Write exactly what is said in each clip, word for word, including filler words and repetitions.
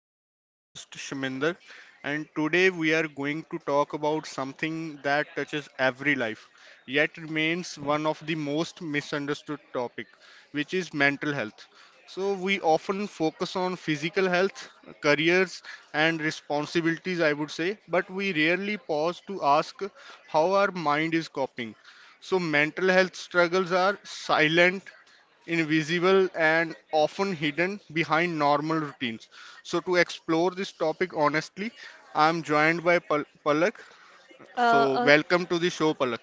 I'm your host Shaminder, and today we are going to talk about something that touches every life, yet remains one of the most misunderstood topic, which is mental health. So we often focus on physical health, careers, and responsibilities, I would say, but we rarely pause to ask how our mind is coping. So mental health struggles are silent invisible and often hidden behind normal routines. So, to explore this topic honestly, I'm joined by Pal- Palak. Uh, So, uh, welcome to the show, Palak.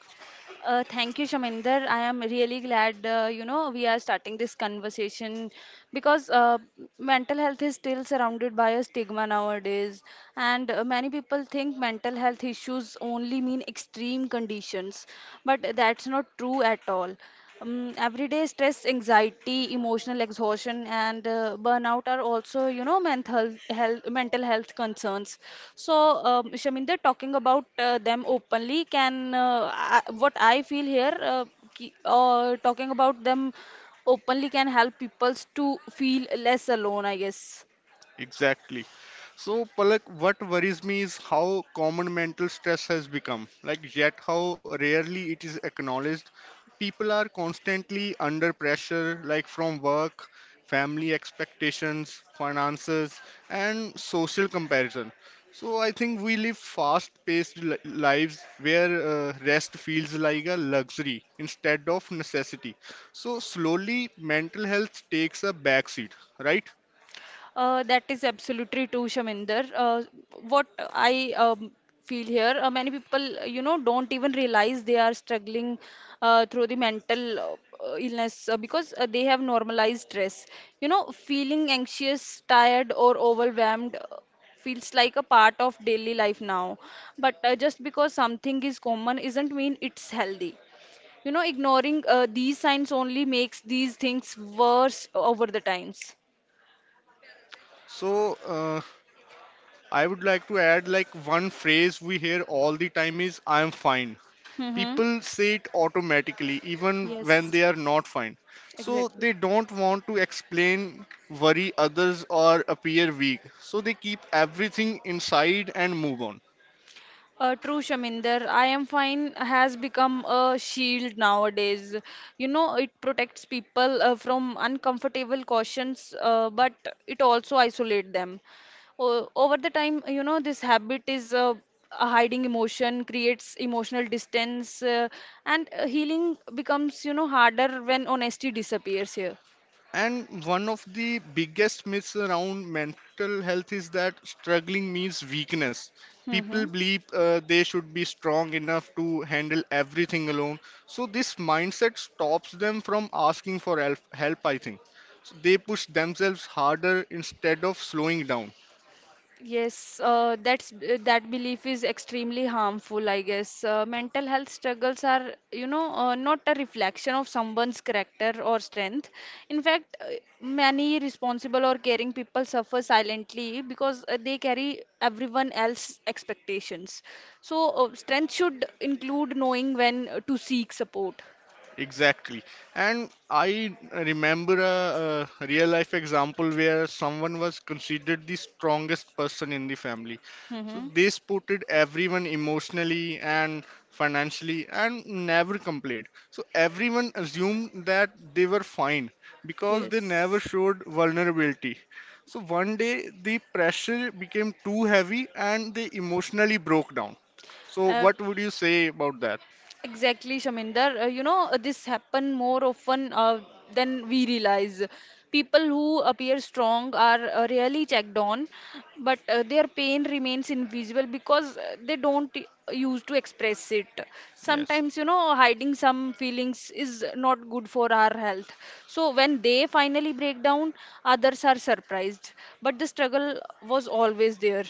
uh, thank you, Shaminder. I am really glad, uh, you know, we are starting this conversation because uh, mental health is still surrounded by a stigma nowadays, and uh, many people think mental health issues only mean extreme conditions, but that's not true at all. Um, everyday stress, anxiety, emotional exhaustion, and uh, burnout are also, you know, mental health, mental health concerns. So, um, Shaminder, talking about uh, them openly can, uh, I, what I feel here, uh, ki, uh, talking about them openly can help people to feel less alone, I guess. Exactly. So, Palak, what worries me is how common mental stress has become, like, yet how rarely it is acknowledged. People are constantly under pressure, like from work, family expectations, finances, and social comparison. So, I think we live fast paced li- lives where uh, rest feels like a luxury instead of necessity. So, slowly, mental health takes a backseat, right? Uh, that is absolutely true, Shaminder. Uh, what I um, feel here, uh, Many people, uh, you know, don't even realize they are struggling uh, through the mental uh, uh, illness uh, because uh, they have normalized stress. You know, feeling anxious, tired, or overwhelmed uh, feels like a part of daily life now. But uh, just because something is common isn't mean it's healthy. You know, ignoring uh, these signs only makes these things worse over the times. So, uh, I would like to add like one phrase we hear all the time is I'm fine. Mm-hmm. People say it automatically even when they Yes, are not fine. So exactly. they don't want to explain, worry others or appear weak. So they keep everything inside and move on. Uh, true, Shaminder. I am fine has become a shield nowadays. You know, it protects people uh, from uncomfortable cautions, uh, but it also isolates them. O- over the time, you know, this habit is uh, a hiding emotion, creates emotional distance, uh, and uh, healing becomes, you know, harder when honesty disappears here. And one of the biggest myths around mental health is that struggling means weakness. Mm-hmm. People believe uh, they should be strong enough to handle everything alone. So this mindset stops them from asking for help, help I think. So they push themselves harder instead of slowing down. Yes, uh, that's uh, that belief is extremely harmful, I guess. Uh, mental health struggles are, you know, uh, not a reflection of someone's character or strength. In fact, uh, many responsible or caring people suffer silently because uh, they carry everyone else's expectations. So, uh, strength should include knowing when uh, to seek support. Exactly. And I remember a, a real life example where someone was considered the strongest person in the family. So Mm-hmm. they supported everyone emotionally and financially and never complained. So everyone assumed that they were fine because they never Yes. showed vulnerability. So one day the pressure became too heavy and they emotionally broke down. So Uh, what would you say about that? Exactly, Shaminder. Uh, you know, uh, this happen more often uh, than we realize. People who appear strong are uh, rarely checked on, but uh, their pain remains invisible because uh, they don't y- use to express it. Yes. Sometimes, you know, hiding some feelings is not good for our health. So when they finally break down, others are surprised. But the struggle was always there.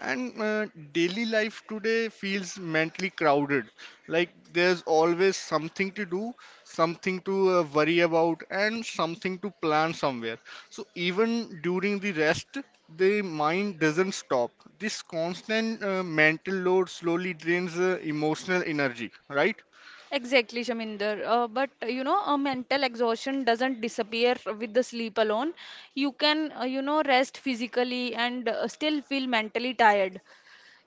And uh, daily life today feels mentally crowded. Like there's always something to do, something to uh, worry about, and something to plan somewhere. So even during the rest, the mind doesn't stop. This constant uh, mental load slowly drains uh, emotional energy, right? Exactly, Shaminder. Uh, but uh, you know, uh, mental exhaustion doesn't disappear with the sleep alone. You can, uh, you know, rest physically and uh, still feel mentally tired.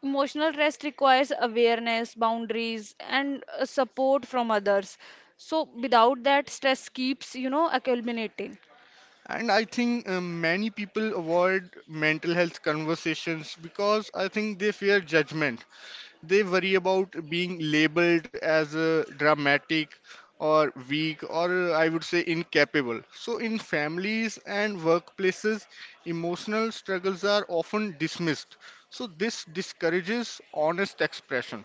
Emotional rest requires awareness, boundaries, and uh, support from others. So without that, stress keeps, you know, accumulating. And I think uh, many people avoid mental health conversations because I think they fear judgment. They worry about being labeled as uh, dramatic or weak or uh, I would say incapable. So, in families and workplaces, emotional struggles are often dismissed. So, this discourages honest expression,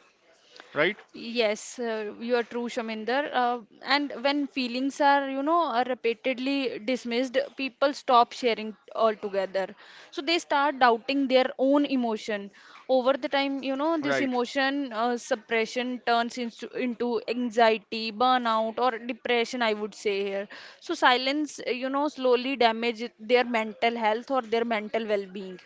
right? Yes, uh, you are true, Shaminder. Uh, and when feelings are, you know, are repeatedly dismissed, people stop sharing altogether. So they start doubting their own emotion. Over the time, you know, this Right. emotion uh, suppression turns into, into anxiety, burnout, or depression, I would say here. So silence, uh, you know, slowly damages their mental health or their mental well-being.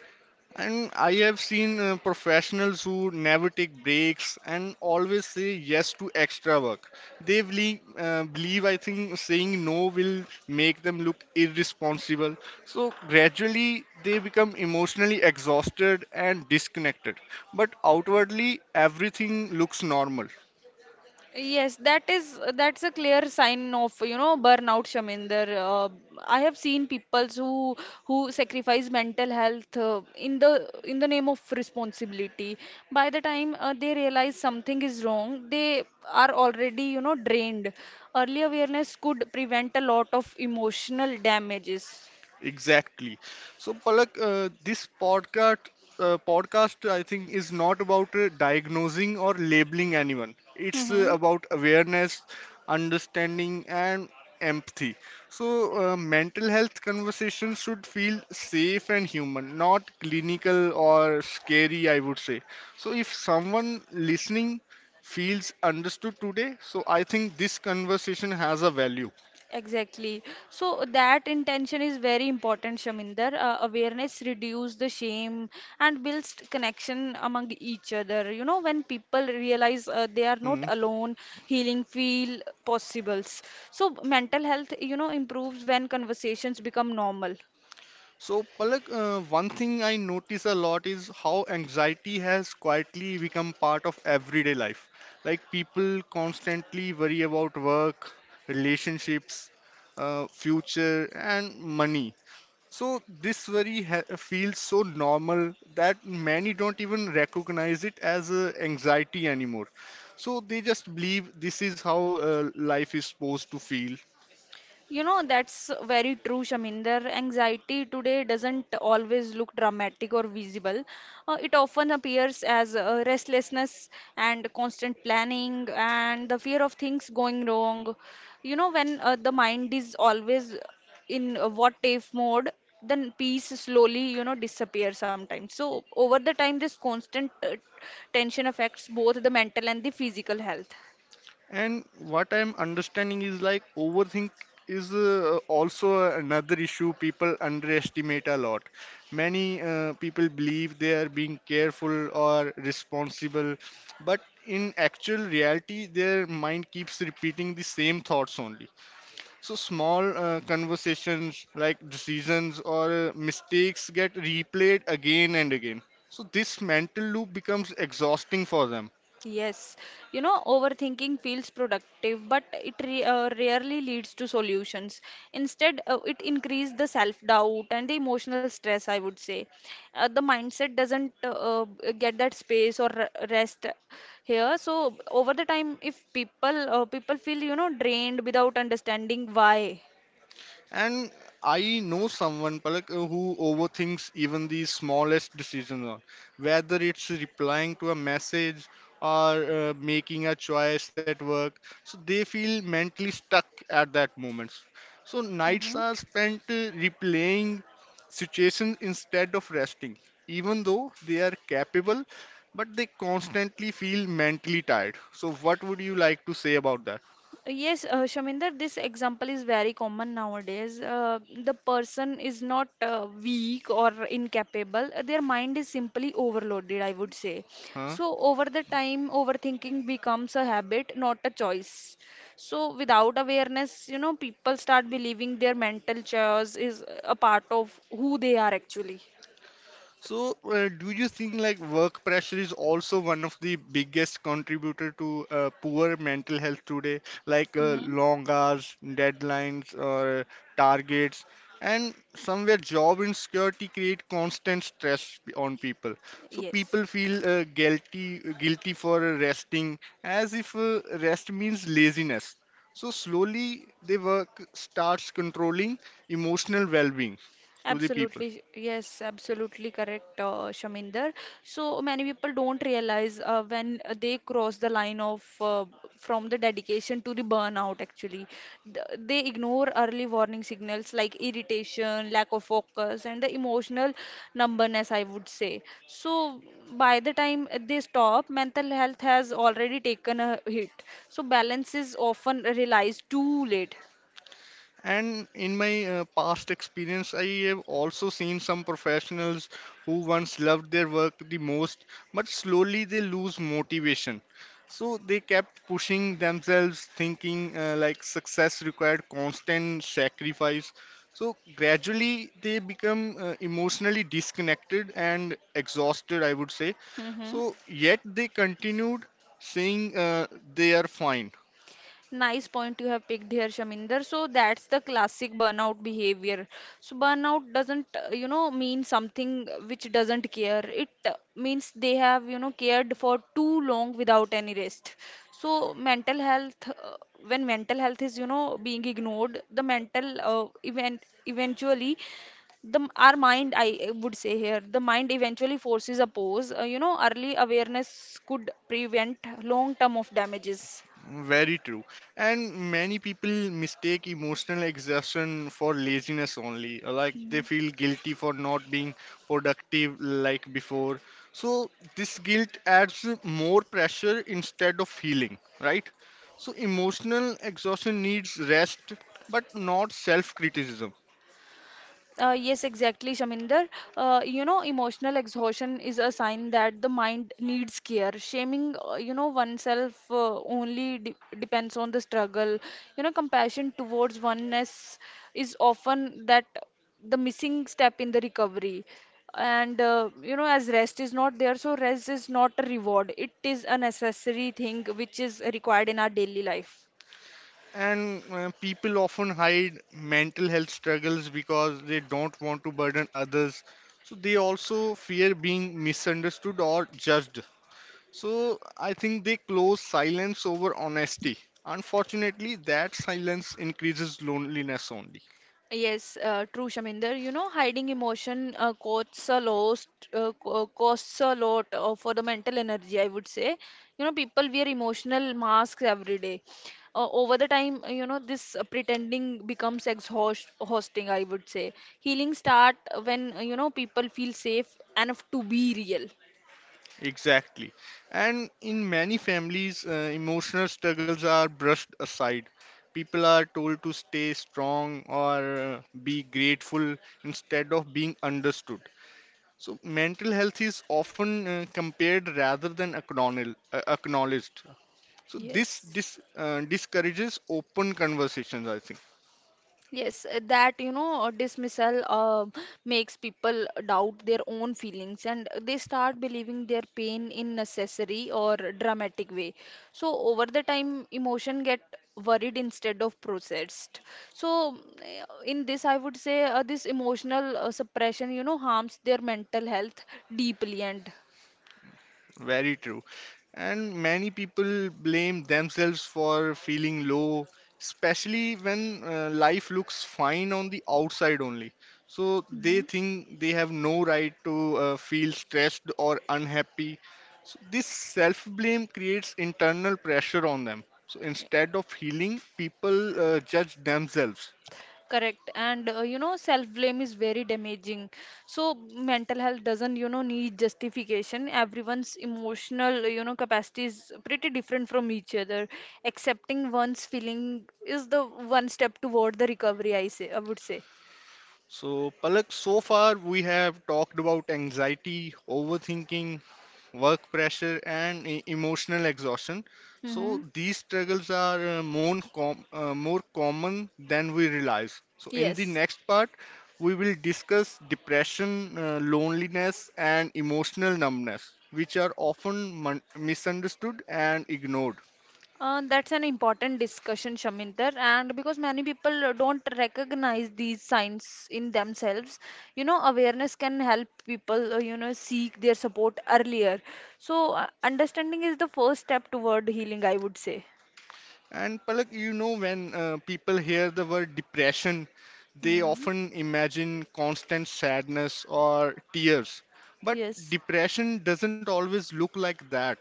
And I have seen uh, professionals who never take breaks and always say yes to extra work. They believe, uh, believe, I think, saying no will make them look irresponsible. So gradually they become emotionally exhausted and disconnected. But outwardly, everything looks normal. Yes, that is that's a clear sign of, you know, burnout, Shaminder. Uh, I have seen people who who sacrifice mental health uh, in the in the name of responsibility. By the time uh, they realize something is wrong, they are already, you know, drained. Early awareness could prevent a lot of emotional damages. Exactly. So, Palak, uh, this podcast, uh, podcast, I think, is not about uh, diagnosing or labeling anyone. It's uh, Mm-hmm. about awareness, understanding, and empathy. So, uh, mental health conversations should feel safe and human, not clinical or scary, I would say. So, if someone listening feels understood today, so I think this conversation has a value. Exactly. So that intention is very important, Shaminder. Uh, awareness reduce the shame and builds connection among each other. You know, when people realize uh, they are not Hmm. alone, healing feel possibles. So mental health, you know, improves when conversations become normal. So, Palak, uh, one thing I notice a lot is how anxiety has quietly become part of everyday life. Like people constantly worry about work, relationships, uh, future, and money. So this worry ha feels so normal that many don't even recognize it as uh, anxiety anymore. So they just believe this is how uh, life is supposed to feel. You know, that's very true, Shaminder. Anxiety today doesn't always look dramatic or visible. Uh, it often appears as uh, restlessness and constant planning and the fear of things going wrong. You know, when uh, the mind is always in a what if mode, then peace slowly, you know, disappears sometimes. So, over the time, this constant uh, tension affects both the mental and the physical health. And what I'm understanding is like overthink is uh, also another issue people underestimate a lot. Many uh, people believe they are being careful or responsible, but in actual reality, their mind keeps repeating the same thoughts only. So small uh, conversations like decisions or uh, mistakes get replayed again and again. So this mental loop becomes exhausting for them. Yes, you know, overthinking feels productive, but it re uh, rarely leads to solutions. Instead, uh, it increases the self-doubt and the emotional stress, I would say. Uh, the mindset doesn't uh, uh, get that space or re- rest here. So over the time, if people uh, people feel, you know, drained without understanding why. And I know someone Palak, uh, who overthinks even the smallest decisions, on whether it's replying to a message or uh, making a choice at work. So they feel mentally stuck at that moment. So Mm-hmm. nights are spent uh, replaying situations instead of resting, even though they are capable, but they constantly feel mentally tired. So what would you like to say about that? Yes, uh, Shaminder, this example is very common nowadays. Uh, the person is not uh, weak or incapable. uh, Their mind is simply overloaded, I would say. Huh? So, over the time, overthinking becomes a habit, not a choice. So, without awareness, you know, people start believing their mental chaos is a part of who they are actually. So, uh, do you think like work pressure is also one of the biggest contributor to uh, poor mental health today? Like uh, Hmm. long hours, deadlines, or targets, and somewhere job insecurity create constant stress p- on people. So Yes. people feel uh, guilty guilty for resting, as if uh, rest means laziness. So slowly, the work starts controlling emotional well-being to the people. Absolutely, yes, absolutely correct, uh, Shaminder. So many people don't realize uh, when uh, they cross the line of uh, from the dedication to the burnout, actually. Th- They ignore early warning signals like irritation, lack of focus, and the emotional numbness, I would say. So by the time they stop, mental health has already taken a hit. So balance is often realized too late. And in my uh, past experience, I have also seen some professionals who once loved their work the most, but slowly they lose motivation. So they kept pushing themselves, thinking uh, like success required constant sacrifice. So gradually they become uh, emotionally disconnected and exhausted, I would say. Mm-hmm. So yet they continued saying uh, they are fine. Nice point you have picked here, Shaminder. So that's the classic burnout behavior. So burnout doesn't, uh, you know, mean something which doesn't care. It uh, means they have, you know, cared for too long without any rest. So mental health, uh, when mental health is, you know, being ignored, the mental uh, event eventually the m- our mind I would say here, the mind eventually forces a pause. Uh, you know, early awareness could prevent long term of damages. Very true. And many people mistake emotional exhaustion for laziness only. Like they feel guilty for not being productive like before. So this guilt adds more pressure instead of healing, right? So emotional exhaustion needs rest, but not self-criticism. Uh, yes, exactly, Shaminder. Uh, you know, emotional exhaustion is a sign that the mind needs care. Shaming, uh, you know, oneself uh, only de depends on the struggle. You know, compassion towards oneness is often that the missing step in the recovery. And uh, you know, as rest is not there, so rest is not a reward. It is a necessary thing which is required in our daily life. And uh, people often hide mental health struggles because they don't want to burden others. So they also fear being misunderstood or judged. So I think they close silence over honesty. Unfortunately, that silence increases loneliness only. Yes, uh, true, Shaminder. You know, hiding emotion uh, costs a lot, uh, co- uh, costs a lot uh, for the mental energy, I would say. You know, people wear emotional masks every day. Uh, over the time, uh, you know, this uh, pretending becomes exhausting, I would say. Healing start when, uh, you know, people feel safe enough to be real. Exactly. And in many families, uh, emotional struggles are brushed aside. People are told to stay strong or uh, be grateful instead of being understood. So mental health is often uh, compared rather than acknowledged. acknowledged. So this Yes. dis, uh, discourages open conversations, I think. Yes, uh, that, you know, uh, dismissal uh, makes people doubt their own feelings and they start believing their pain in necessary or dramatic way. So over the time, emotion get worried instead of processed. So uh, in this, I would say uh, this emotional uh, suppression, you know, harms their mental health deeply and Very true. And many people blame themselves for feeling low, especially when uh, life looks fine on the outside only. So they Hmm. think they have no right to uh, feel stressed or unhappy. So this self blame creates internal pressure on them. So instead of healing, people uh, judge themselves. Correct. And uh, you know, self-blame is very damaging. So mental health doesn't, you know, need justification. Everyone's emotional, you know, capacity is pretty different from each other. Accepting one's feeling is the one step toward the recovery, I say, I would say. So, Palak, so far we have talked about anxiety, overthinking, work pressure, and e- emotional exhaustion. Mm-hmm. So, these struggles are uh, more, com- uh, more common than we realize. So, in the Yes. next part, we will discuss depression, uh, loneliness, and emotional numbness, which are often mon- misunderstood and ignored. Uh, that's an important discussion, Shaminder, and because many people uh, don't recognize these signs in themselves, you know, awareness can help people, uh, you know, seek their support earlier. So, uh, understanding is the first step toward healing, I would say. And Palak, you know, when uh, people hear the word depression, they Hmm. often imagine constant sadness or tears. But Yes. depression doesn't always look like that.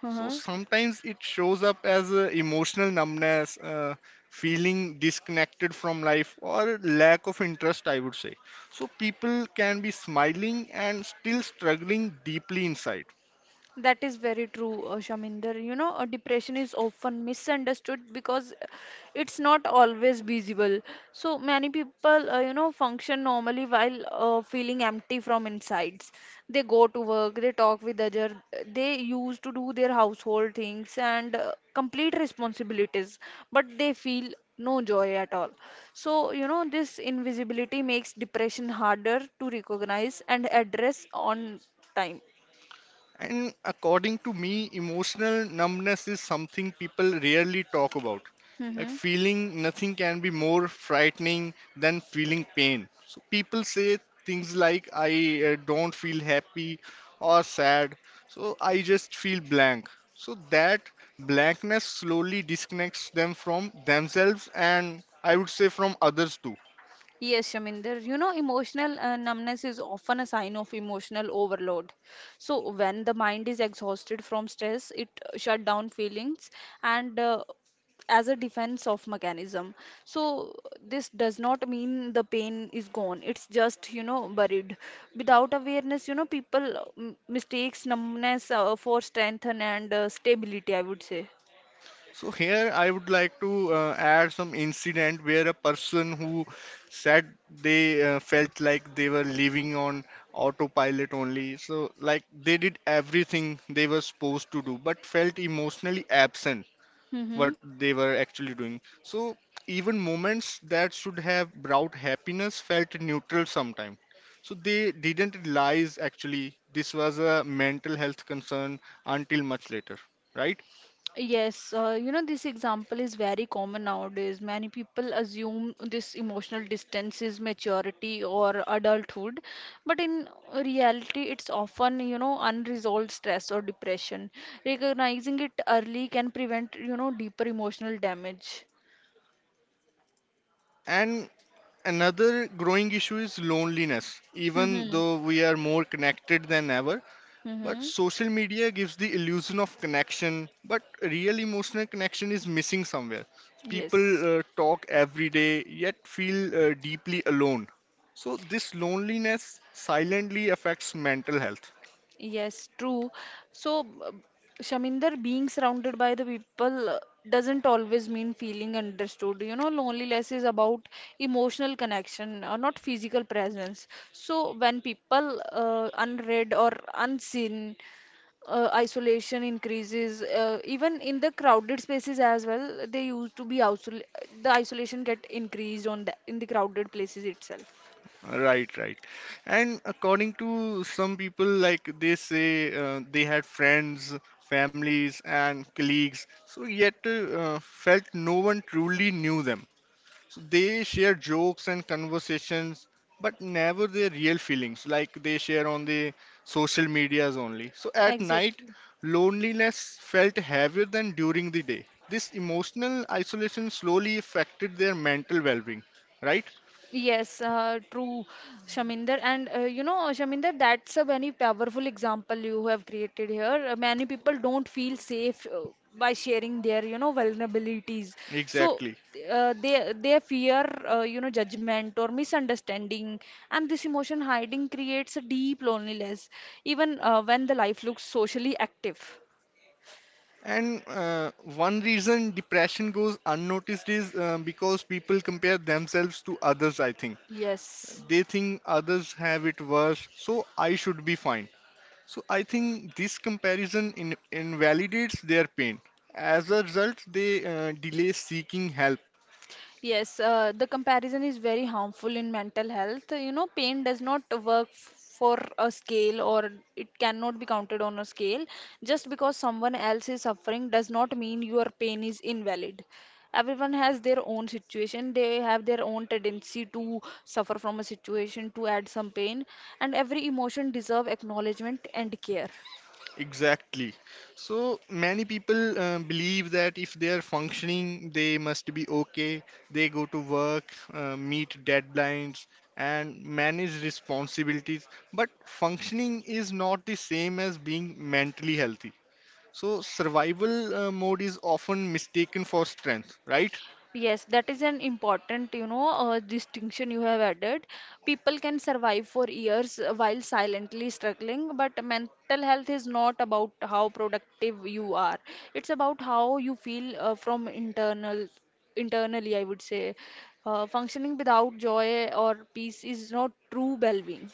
So sometimes it shows up as uh, emotional numbness, uh, feeling disconnected from life, or lack of interest, I would say. So people can be smiling and still struggling deeply inside. That is very true, uh, Shaminder. You know, uh, depression is often misunderstood because it's not always visible. So many people, uh, you know, function normally while uh, feeling empty from insides. They go to work, they talk with others, they used to do their household things and uh, complete responsibilities, but they feel no joy at all. So, you know, this invisibility makes depression harder to recognize and address on time. And according to me, emotional numbness is something people rarely talk about. Like Mm-hmm. feeling nothing can be more frightening than feeling pain. So people say things like, I uh, don't feel happy or sad, so I just feel blank. So that blankness slowly disconnects them from themselves and I would say from others too. Yes, Shaminder, you know, emotional uh, numbness is often a sign of emotional overload. So, when the mind is exhausted from stress, it uh, shut down feelings and uh, as a defense of mechanism. So, this does not mean the pain is gone. It's just, you know, buried. Without awareness, you know, people uh, m- mistakes numbness uh, for strength and uh, stability, I would say. So here I would like to uh, add some incident where a person who said they uh, felt like they were living on autopilot only. So like they did everything they were supposed to do, but felt emotionally absent what Mm-hmm. they were actually doing. So even moments that should have brought happiness felt neutral sometimes. So they didn't realize actually this was a mental health concern until much later, right? Yes, uh, you know, this example is very common nowadays. Many people assume this emotional distance is maturity or adulthood, but in reality, it's often, you know, unresolved stress or depression. Recognizing it early can prevent, you know, deeper emotional damage. And another growing issue is loneliness. Even Mm-hmm. though we are more connected than ever, but Mm-hmm. social media gives the illusion of connection, but real emotional connection is missing somewhere. Yes. People uh, talk every day, yet feel uh, deeply alone. So, this loneliness silently affects mental health. Yes, true. So, b- Shaminder, being surrounded by the people uh, doesn't always mean feeling understood. You know, loneliness is about emotional connection, uh, not physical presence. So, when people uh, unread or unseen, uh, isolation increases. Uh, even in the crowded spaces as well, they used to be isol the isolation get increased on the in the crowded places itself. Right, right. And according to some people, like they say, uh, they had friends, families, and colleagues, so yet uh, uh, felt no one truly knew them. So they share jokes and conversations, but never their real feelings, like they share on the social medias only. So at night, Exactly. loneliness felt heavier than during the day. This emotional isolation slowly affected their mental well-being, right? Yes, uh, true, Shaminder. And uh, you know, Shaminder, that's a very powerful example you have created here. Uh, many people don't feel safe uh, by sharing their, you know, vulnerabilities. So Exactly. uh, they they fear, uh, you know, judgment or misunderstanding, and this emotion hiding creates a deep loneliness, even uh, when the life looks socially active. And uh, one reason depression goes unnoticed is uh, because people compare themselves to others, I think. Yes. They think others have it worse, so I should be fine. So I think this comparison in invalidates their pain. As a result, they uh, delay seeking help. Yes, uh, the comparison is very harmful in mental health. You know, pain does not work f- for a scale or it cannot be counted on a scale. Just because someone else is suffering does not mean your pain is invalid. Everyone has their own situation, they have their own tendency to suffer from a situation, to add some pain, and every emotion deserve acknowledgement and care. Exactly. So many people uh, believe that if they are functioning, they must be okay. They go to work, uh, meet deadlines, and manage responsibilities. But functioning is not the same as being mentally healthy. So survival uh, mode is often mistaken for strength, right? Yes, that is an important, you know, uh, distinction you have added. People can survive for years uh, while silently struggling, but mental health is not about how productive you are. It's about how you feel uh, from internal, internally, I would say. Uh, functioning without joy or peace is not true well-being.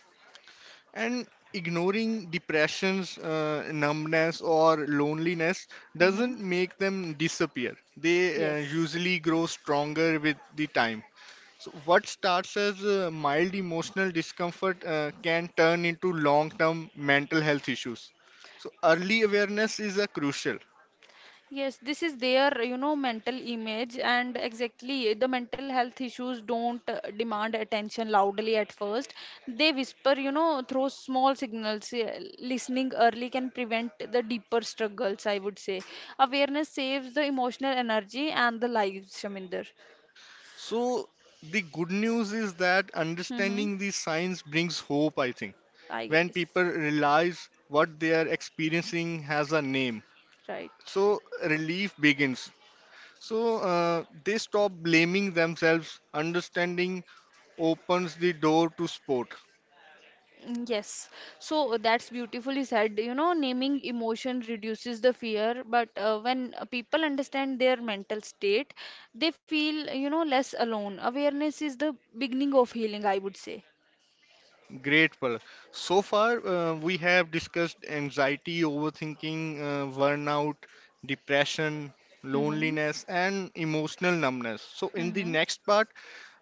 And ignoring depressions, uh, numbness, or loneliness Hmm. doesn't make them disappear. They uh, Yes. usually grow stronger with the time. So, what starts as uh, mild emotional discomfort uh, can turn into long term mental health issues. So, early awareness is uh, crucial. Yes, this is their, you know, mental image, and exactly the mental health issues don't uh, demand attention loudly at first. They whisper, you know, through small signals. Yeah, listening early can prevent the deeper struggles, I would say. Awareness saves the emotional energy and the lives, Shaminder. So, the good news is that Mm-hmm. understanding these signs brings hope, I think. I When guess. people realize what they are experiencing has a name, Right. so relief begins. So uh, they stop blaming themselves. Understanding opens the door to sport. Mm, yes, so uh, that's beautifully said. You know, naming emotion reduces the fear, but uh, when uh, people understand their mental state, they feel, you know, less alone. Awareness is the beginning of healing, I would say. Great, Palak. So far, uh, we have discussed anxiety, overthinking, uh, burnout, depression, Mm-hmm. loneliness, and emotional numbness. So, in the Mm-hmm. next part,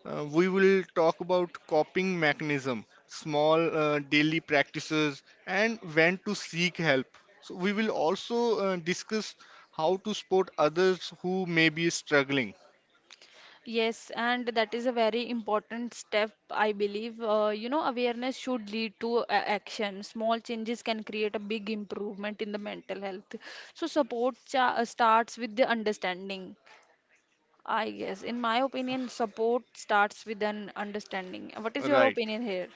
uh, we will talk about coping mechanism, small uh, daily practices, and when to seek help. So, we will also uh, discuss how to support others who may be struggling. Yes, and that is a very important step, I believe. Uh, you know, awareness should lead to a- action. Small changes can create a big improvement in the mental health. So, support cha uh, starts with the understanding. I guess, in my opinion, support starts with an understanding. What is your Right. opinion here?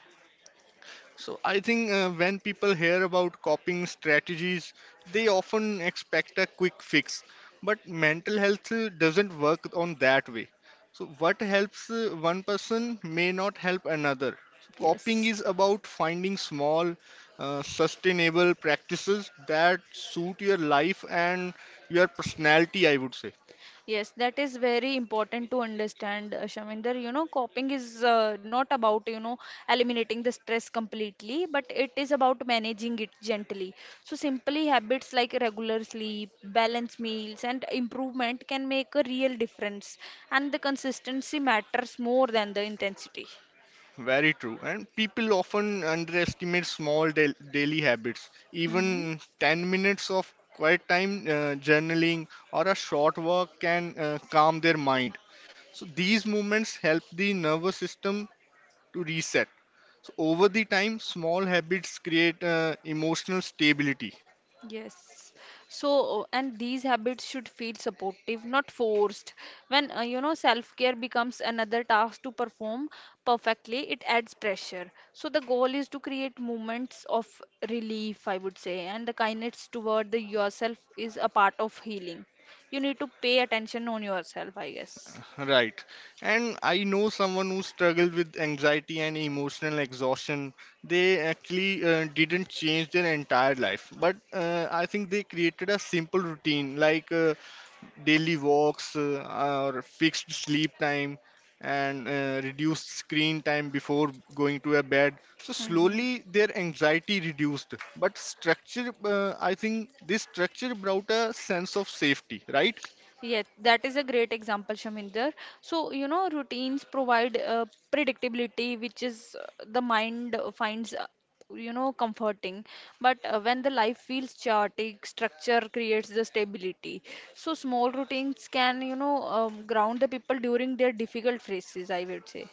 So I think uh, when people hear about coping strategies, they often expect a quick fix. But mental health uh, doesn't work on that way. So what helps uh, one person may not help another. So coping Yes. is about finding small, uh, sustainable practices that suit your life and your personality, I would say. Yes, that is very important to understand, uh, Shaminder. You know, coping is uh, not about, you know, eliminating the stress completely, but it is about managing it gently. So, simply habits like regular sleep, balanced meals, and improvement can make a real difference. And the consistency matters more than the intensity. Very true. And people often underestimate small da- daily habits. Mm-hmm. Even ten minutes of quiet time, uh, journaling, or a short walk can uh, calm their mind. So these movements help the nervous system to reset. So over the time, small habits create uh, emotional stability. Yes. So, uh, and these habits should feel supportive, not forced. When, uh, you know, self-care becomes another task to perform perfectly, it adds pressure. So, the goal is to create moments of relief, I would say, and the kindness toward the yourself is a part of healing. You need to pay attention on yourself, I guess. Right. And I know someone who struggled with anxiety and emotional exhaustion. They actually uh, didn't change their entire life, but uh, I think they created a simple routine like uh, daily walks uh, or fixed sleep time and uh, reduced screen time before going to a bed. So Hmm. slowly their anxiety reduced. But structure, uh, I think this structure brought a sense of safety, right? Yes, that is a great example, Shaminder. So, you know, routines provide uh, predictability, which is uh, the mind uh, finds, uh, you know, comforting. But uh, when the life feels chaotic, structure creates the stability. So, small routines can, you know, um, ground the people during their difficult phases, I would say.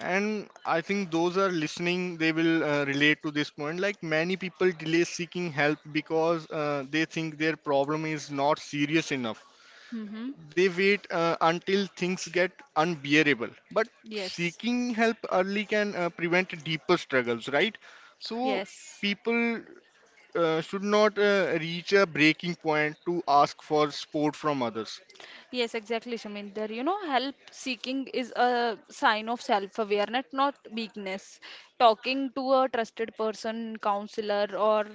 And I think those are listening, they will uh, relate to this point. Like many people delay seeking help because uh, they think their problem is not serious enough. Mm-hmm. They wait uh, until things get unbearable. But Yes. seeking help early can uh, prevent deeper struggles, right? So Yes. people uh, should not uh, reach a breaking point to ask for support from others. Yes, exactly, Shaminder. You know, help seeking is a sign of self-awareness, not weakness. Talking to a trusted person, counselor, or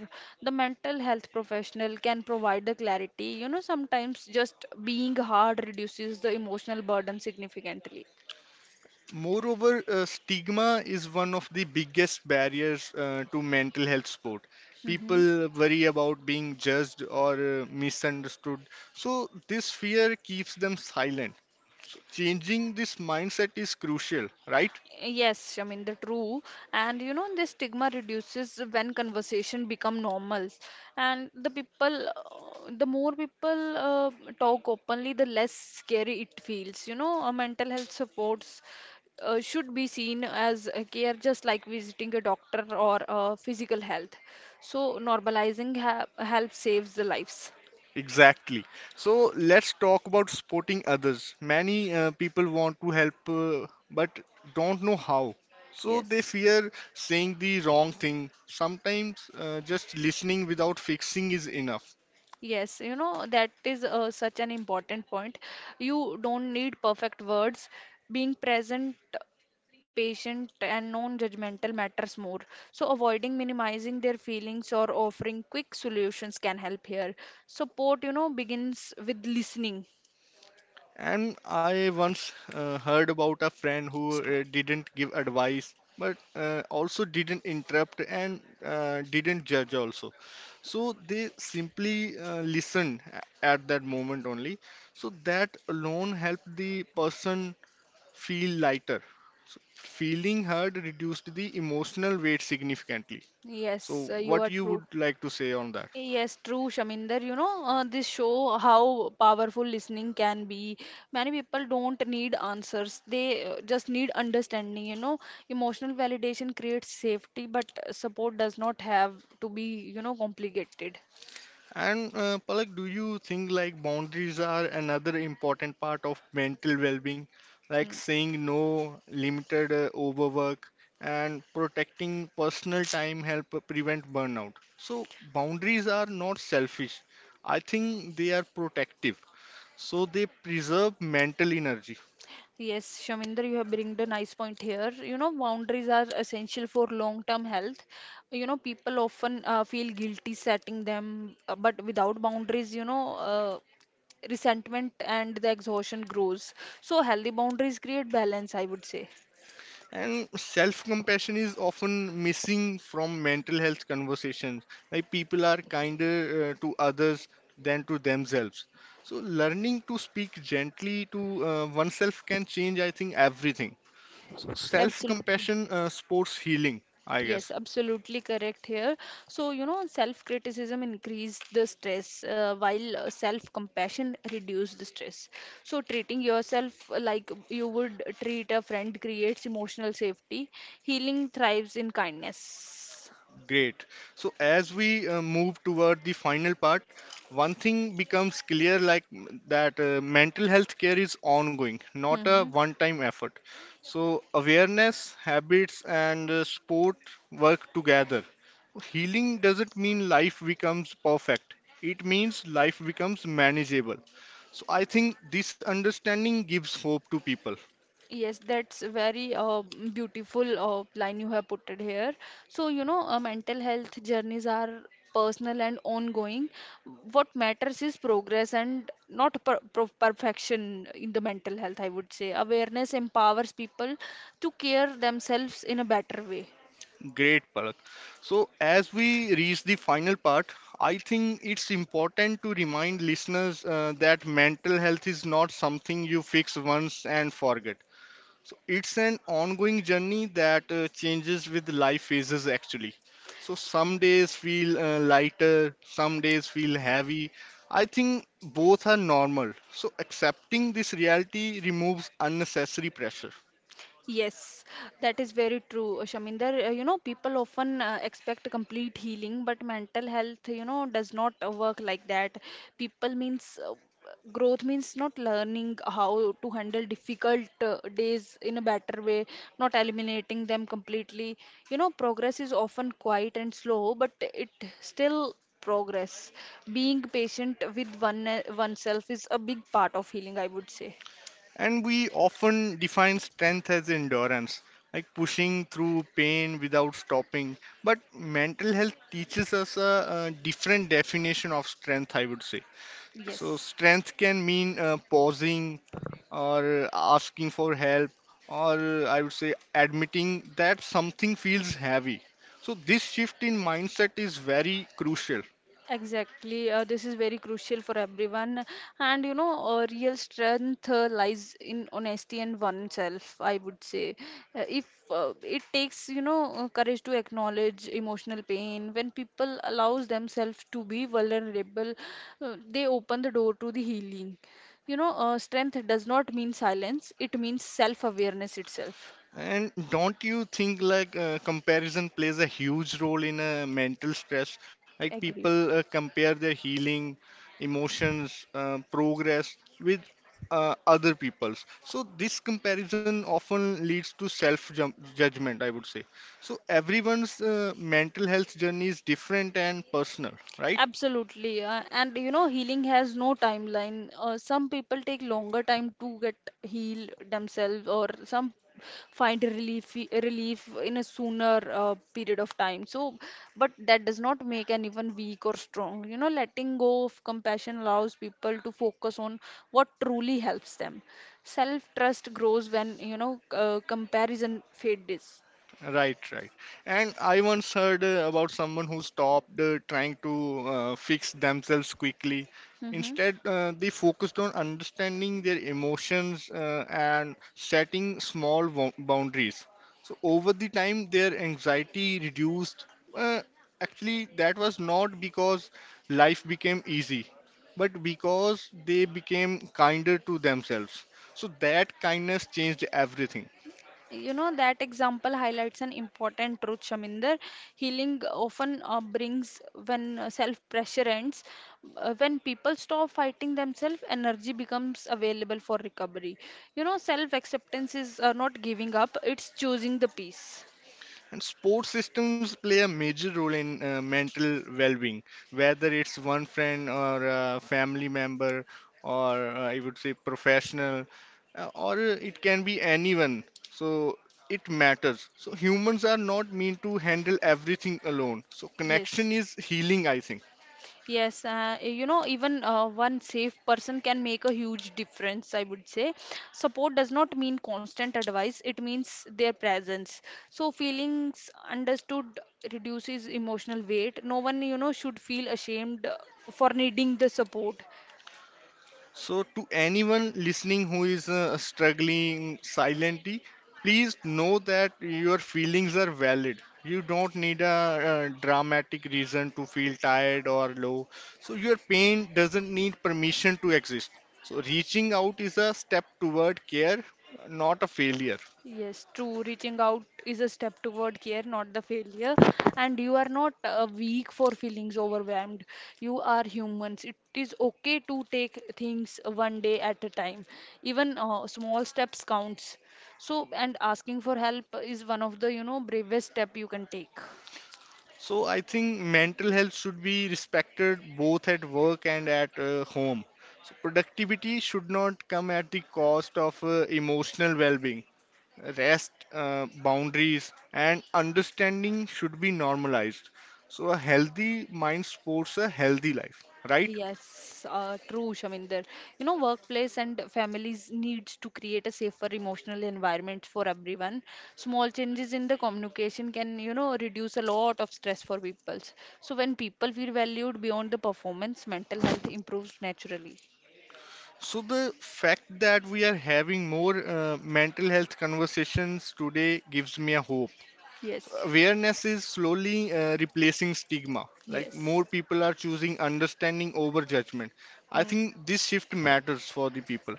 the mental health professional can provide the clarity. You know, sometimes just being hard reduces the emotional burden significantly. Moreover, uh, stigma is one of the biggest barriers uh, to mental health support. Hmm. People worry about being judged or uh, misunderstood, so this fear keeps them silent. So changing this mindset is crucial, right? Yes, I mean the true, and you know this stigma reduces when conversation become normal, and the people, uh, the more people uh, talk openly, the less scary it feels. You know, uh, mental health supports uh, should be seen as a care, just like visiting a doctor or uh, physical health. So normalizing ha help saves the lives. Exactly. So let's talk about supporting others. Many uh, people want to help uh, but don't know how. So they Yes. fear saying the wrong thing. Sometimes uh, just listening without fixing is enough. Yes, you know, that is uh, such an important point. You don't need perfect words. Being present, patient, and non-judgmental matters more. So, avoiding minimizing their feelings or offering quick solutions can help here. Support, you know, begins with listening. And I once uh, heard about a friend who uh, Stop. didn't give advice, but uh, also didn't interrupt and uh, didn't judge also. So they simply uh, listened a- at that moment only. So that alone helped the person feel lighter. So feeling heard reduced the emotional weight significantly. Yes, So uh, you what are you true. would like to say on that? Yes, true, Shaminder. You know, uh, this show how powerful listening can be. Many people don't need answers; they uh, just need understanding. You know, emotional validation creates safety, but uh, support does not have to be, you know, complicated. And uh, Palak, do you think like boundaries are another important part of mental well-being, like Hmm. saying no, limited uh, overwork, and protecting personal time help prevent burnout. So boundaries are not selfish. I think they are protective. So they preserve mental energy. Yes, Shaminder, you have bring the nice point here. You know, boundaries are essential for long-term health. You know, people often uh, feel guilty setting them, uh, but without boundaries, you know, uh, resentment and the exhaustion grows. So healthy boundaries create balance, I would say. And self compassion is often missing from mental health conversations. Like people are kinder uh, to others than to themselves. So, learning to speak gently to uh, oneself can change, I think, everything. So, self Absolutely. compassion uh, sports healing, I Yes, guess. absolutely correct here. So, you know, self-criticism increase the stress, uh, while uh, self-compassion reduce the stress. So, treating yourself like you would treat a friend creates emotional safety. Healing thrives in kindness. Great. So as we uh, move toward the final part, one thing becomes clear like m- that uh, mental health care is ongoing, not a Mm-hmm. one-time effort. So awareness, habits, and uh, sport work together. Healing doesn't mean life becomes perfect. It means life becomes manageable. So I think this understanding gives hope to people. Yes, that's very uh, beautiful uh, line you have put it here. So, you know, uh, mental health journeys are personal and ongoing. What matters is progress and not per per perfection in the mental health, I would say. Awareness empowers people to care themselves in a better way. Great, Palak. So, as we reach the final part, I think it's important to remind listeners uh, that mental health is not something you fix once and forget. So, it's an ongoing journey that uh, changes with life phases actually. So, some days feel uh, lighter, some days feel heavy. I think both are normal. So, accepting this reality removes unnecessary pressure. Yes, that is very true, Shaminder. Uh, You know, people often uh, expect complete healing, but mental health, you know, does not uh, work like that. People means uh, growth means not learning how to handle difficult uh, days in a better way, not eliminating them completely. You know, progress is often quiet and slow, but it still progress. Being patient with one uh, oneself is a big part of healing, I would say. And we often define strength as endurance, like pushing through pain without stopping. But mental health teaches us a, a different definition of strength, I would say. So, Yes. strength can mean uh, pausing or asking for help, or I would say admitting that something feels heavy. So, this shift in mindset is very crucial. Exactly. Uh, this is very crucial for everyone. And you know, uh, real strength uh, lies in honesty and oneself, I would say. Uh, if uh, it takes, you know, uh, courage to acknowledge emotional pain, when people allows themselves to be vulnerable, uh, they open the door to the healing. You know, uh, strength does not mean silence, it means self-awareness itself. And don't you think like uh, comparison plays a huge role in uh, mental stress? Like Agree. people uh, compare their healing, emotions, uh, progress with uh, other people's. So this comparison often leads to self-judgment, I would say. So everyone's uh, mental health journey is different and personal, right? Absolutely. Uh, and you know, healing has no timeline. Uh, some people take longer time to get heal themselves, or some find relief relief in a sooner uh, period of time. So, but that does not make anyone weak or strong. You know, letting go of compassion allows people to focus on what truly helps them. Self-trust grows when, you know, uh, comparison fades. Right, right. And I once heard uh, about someone who stopped uh, trying to uh, fix themselves quickly. Mm-hmm. Instead, uh, they focused on understanding their emotions uh, and setting small bou- boundaries. So, over the time, their anxiety reduced. Uh, actually, that was not because life became easy, but because they became kinder to themselves. So, that kindness changed everything. You know, that example highlights an important truth, Shaminder. Healing often uh, brings when uh, self pressure ends. Uh, when people stop fighting themselves, energy becomes available for recovery. You know, self acceptance is uh, not giving up, it's choosing the peace. And sports systems play a major role in uh, mental well-being, whether it's one friend or a family member, or uh, I would say professional, uh, or it can be anyone. So it matters. So humans are not meant to handle everything alone. So Yes. connection is healing, I think. Yes, uh, you know, even uh, one safe person can make a huge difference, I would say. Support does not mean constant advice, it means their presence. So, feelings understood reduces emotional weight. No one, you know, should feel ashamed uh, for needing the support. So, to anyone listening who is uh, struggling silently, please know that your feelings are valid. You don't need a, uh dramatic reason to feel tired or low. So, your pain doesn't need permission to exist. So, reaching out is a step toward care, not a failure. Yes, true. Reaching out is a step toward care, not the failure. And you are not uh, weak for feelings overwhelmed. You are humans. It is okay to take things one day at a time. Even uh, small steps counts. So, and asking for help is one of the, you know, bravest step you can take. So, I think mental health should be respected both at work and at uh, home. So, productivity should not come at the cost of uh, emotional well being. Rest, uh, boundaries, and understanding should be normalized. So, a healthy mind supports a healthy life, right? Yes, uh, true, Shaminder. You know, workplace and families needs to create a safer emotional environment for everyone. Small changes in the communication can, you know, reduce a lot of stress for people. So when people feel valued beyond the performance, mental health improves naturally. So, the fact that we are having more uh, mental health conversations today gives me a hope. Yes, Awareness is slowly uh, replacing stigma. Like, yes. more people are choosing understanding over judgment. I Hmm. think this shift matters for the people.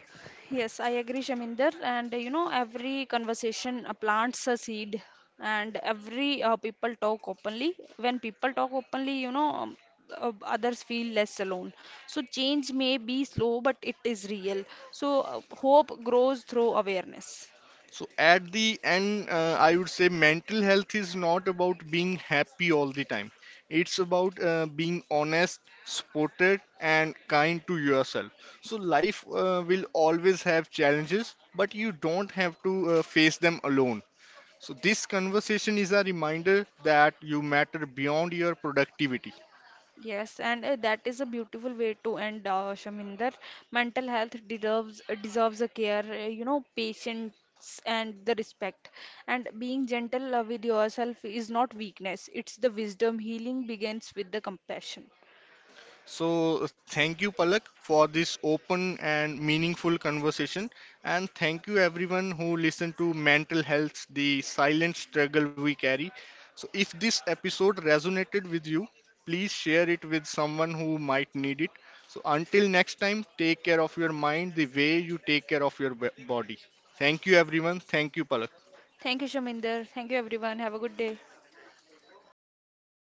Yes, I agree, Shaminder. And uh, you know, every conversation uh, plants a seed, and every uh, people talk openly. When people talk openly, you know, um, uh, others feel less alone. So change may be slow, but it is real. So uh, hope grows through awareness. So at the end, uh, I would say mental health is not about being happy all the time. It's about uh, being honest, supported, and kind to yourself. So life uh, will always have challenges, but you don't have to uh, face them alone. So this conversation is a reminder that you matter beyond your productivity. Yes, and uh, that is a beautiful way to end, uh, Shaminder. Mental health deserves deserves a care, uh, you know, patience and the respect. And being gentle uh, with yourself is not weakness; it's the wisdom. Healing begins with the compassion. So, uh, thank you, Palak, for this open and meaningful conversation. And thank you, everyone who listened to Mental Health, the silent struggle we carry. So, if this episode resonated with you, please share it with someone who might need it. So, until next time, take care of your mind the way you take care of your b- body. Thank you, everyone. Thank you, Palak. Thank you, Shaminder. Thank you, everyone. Have a good day.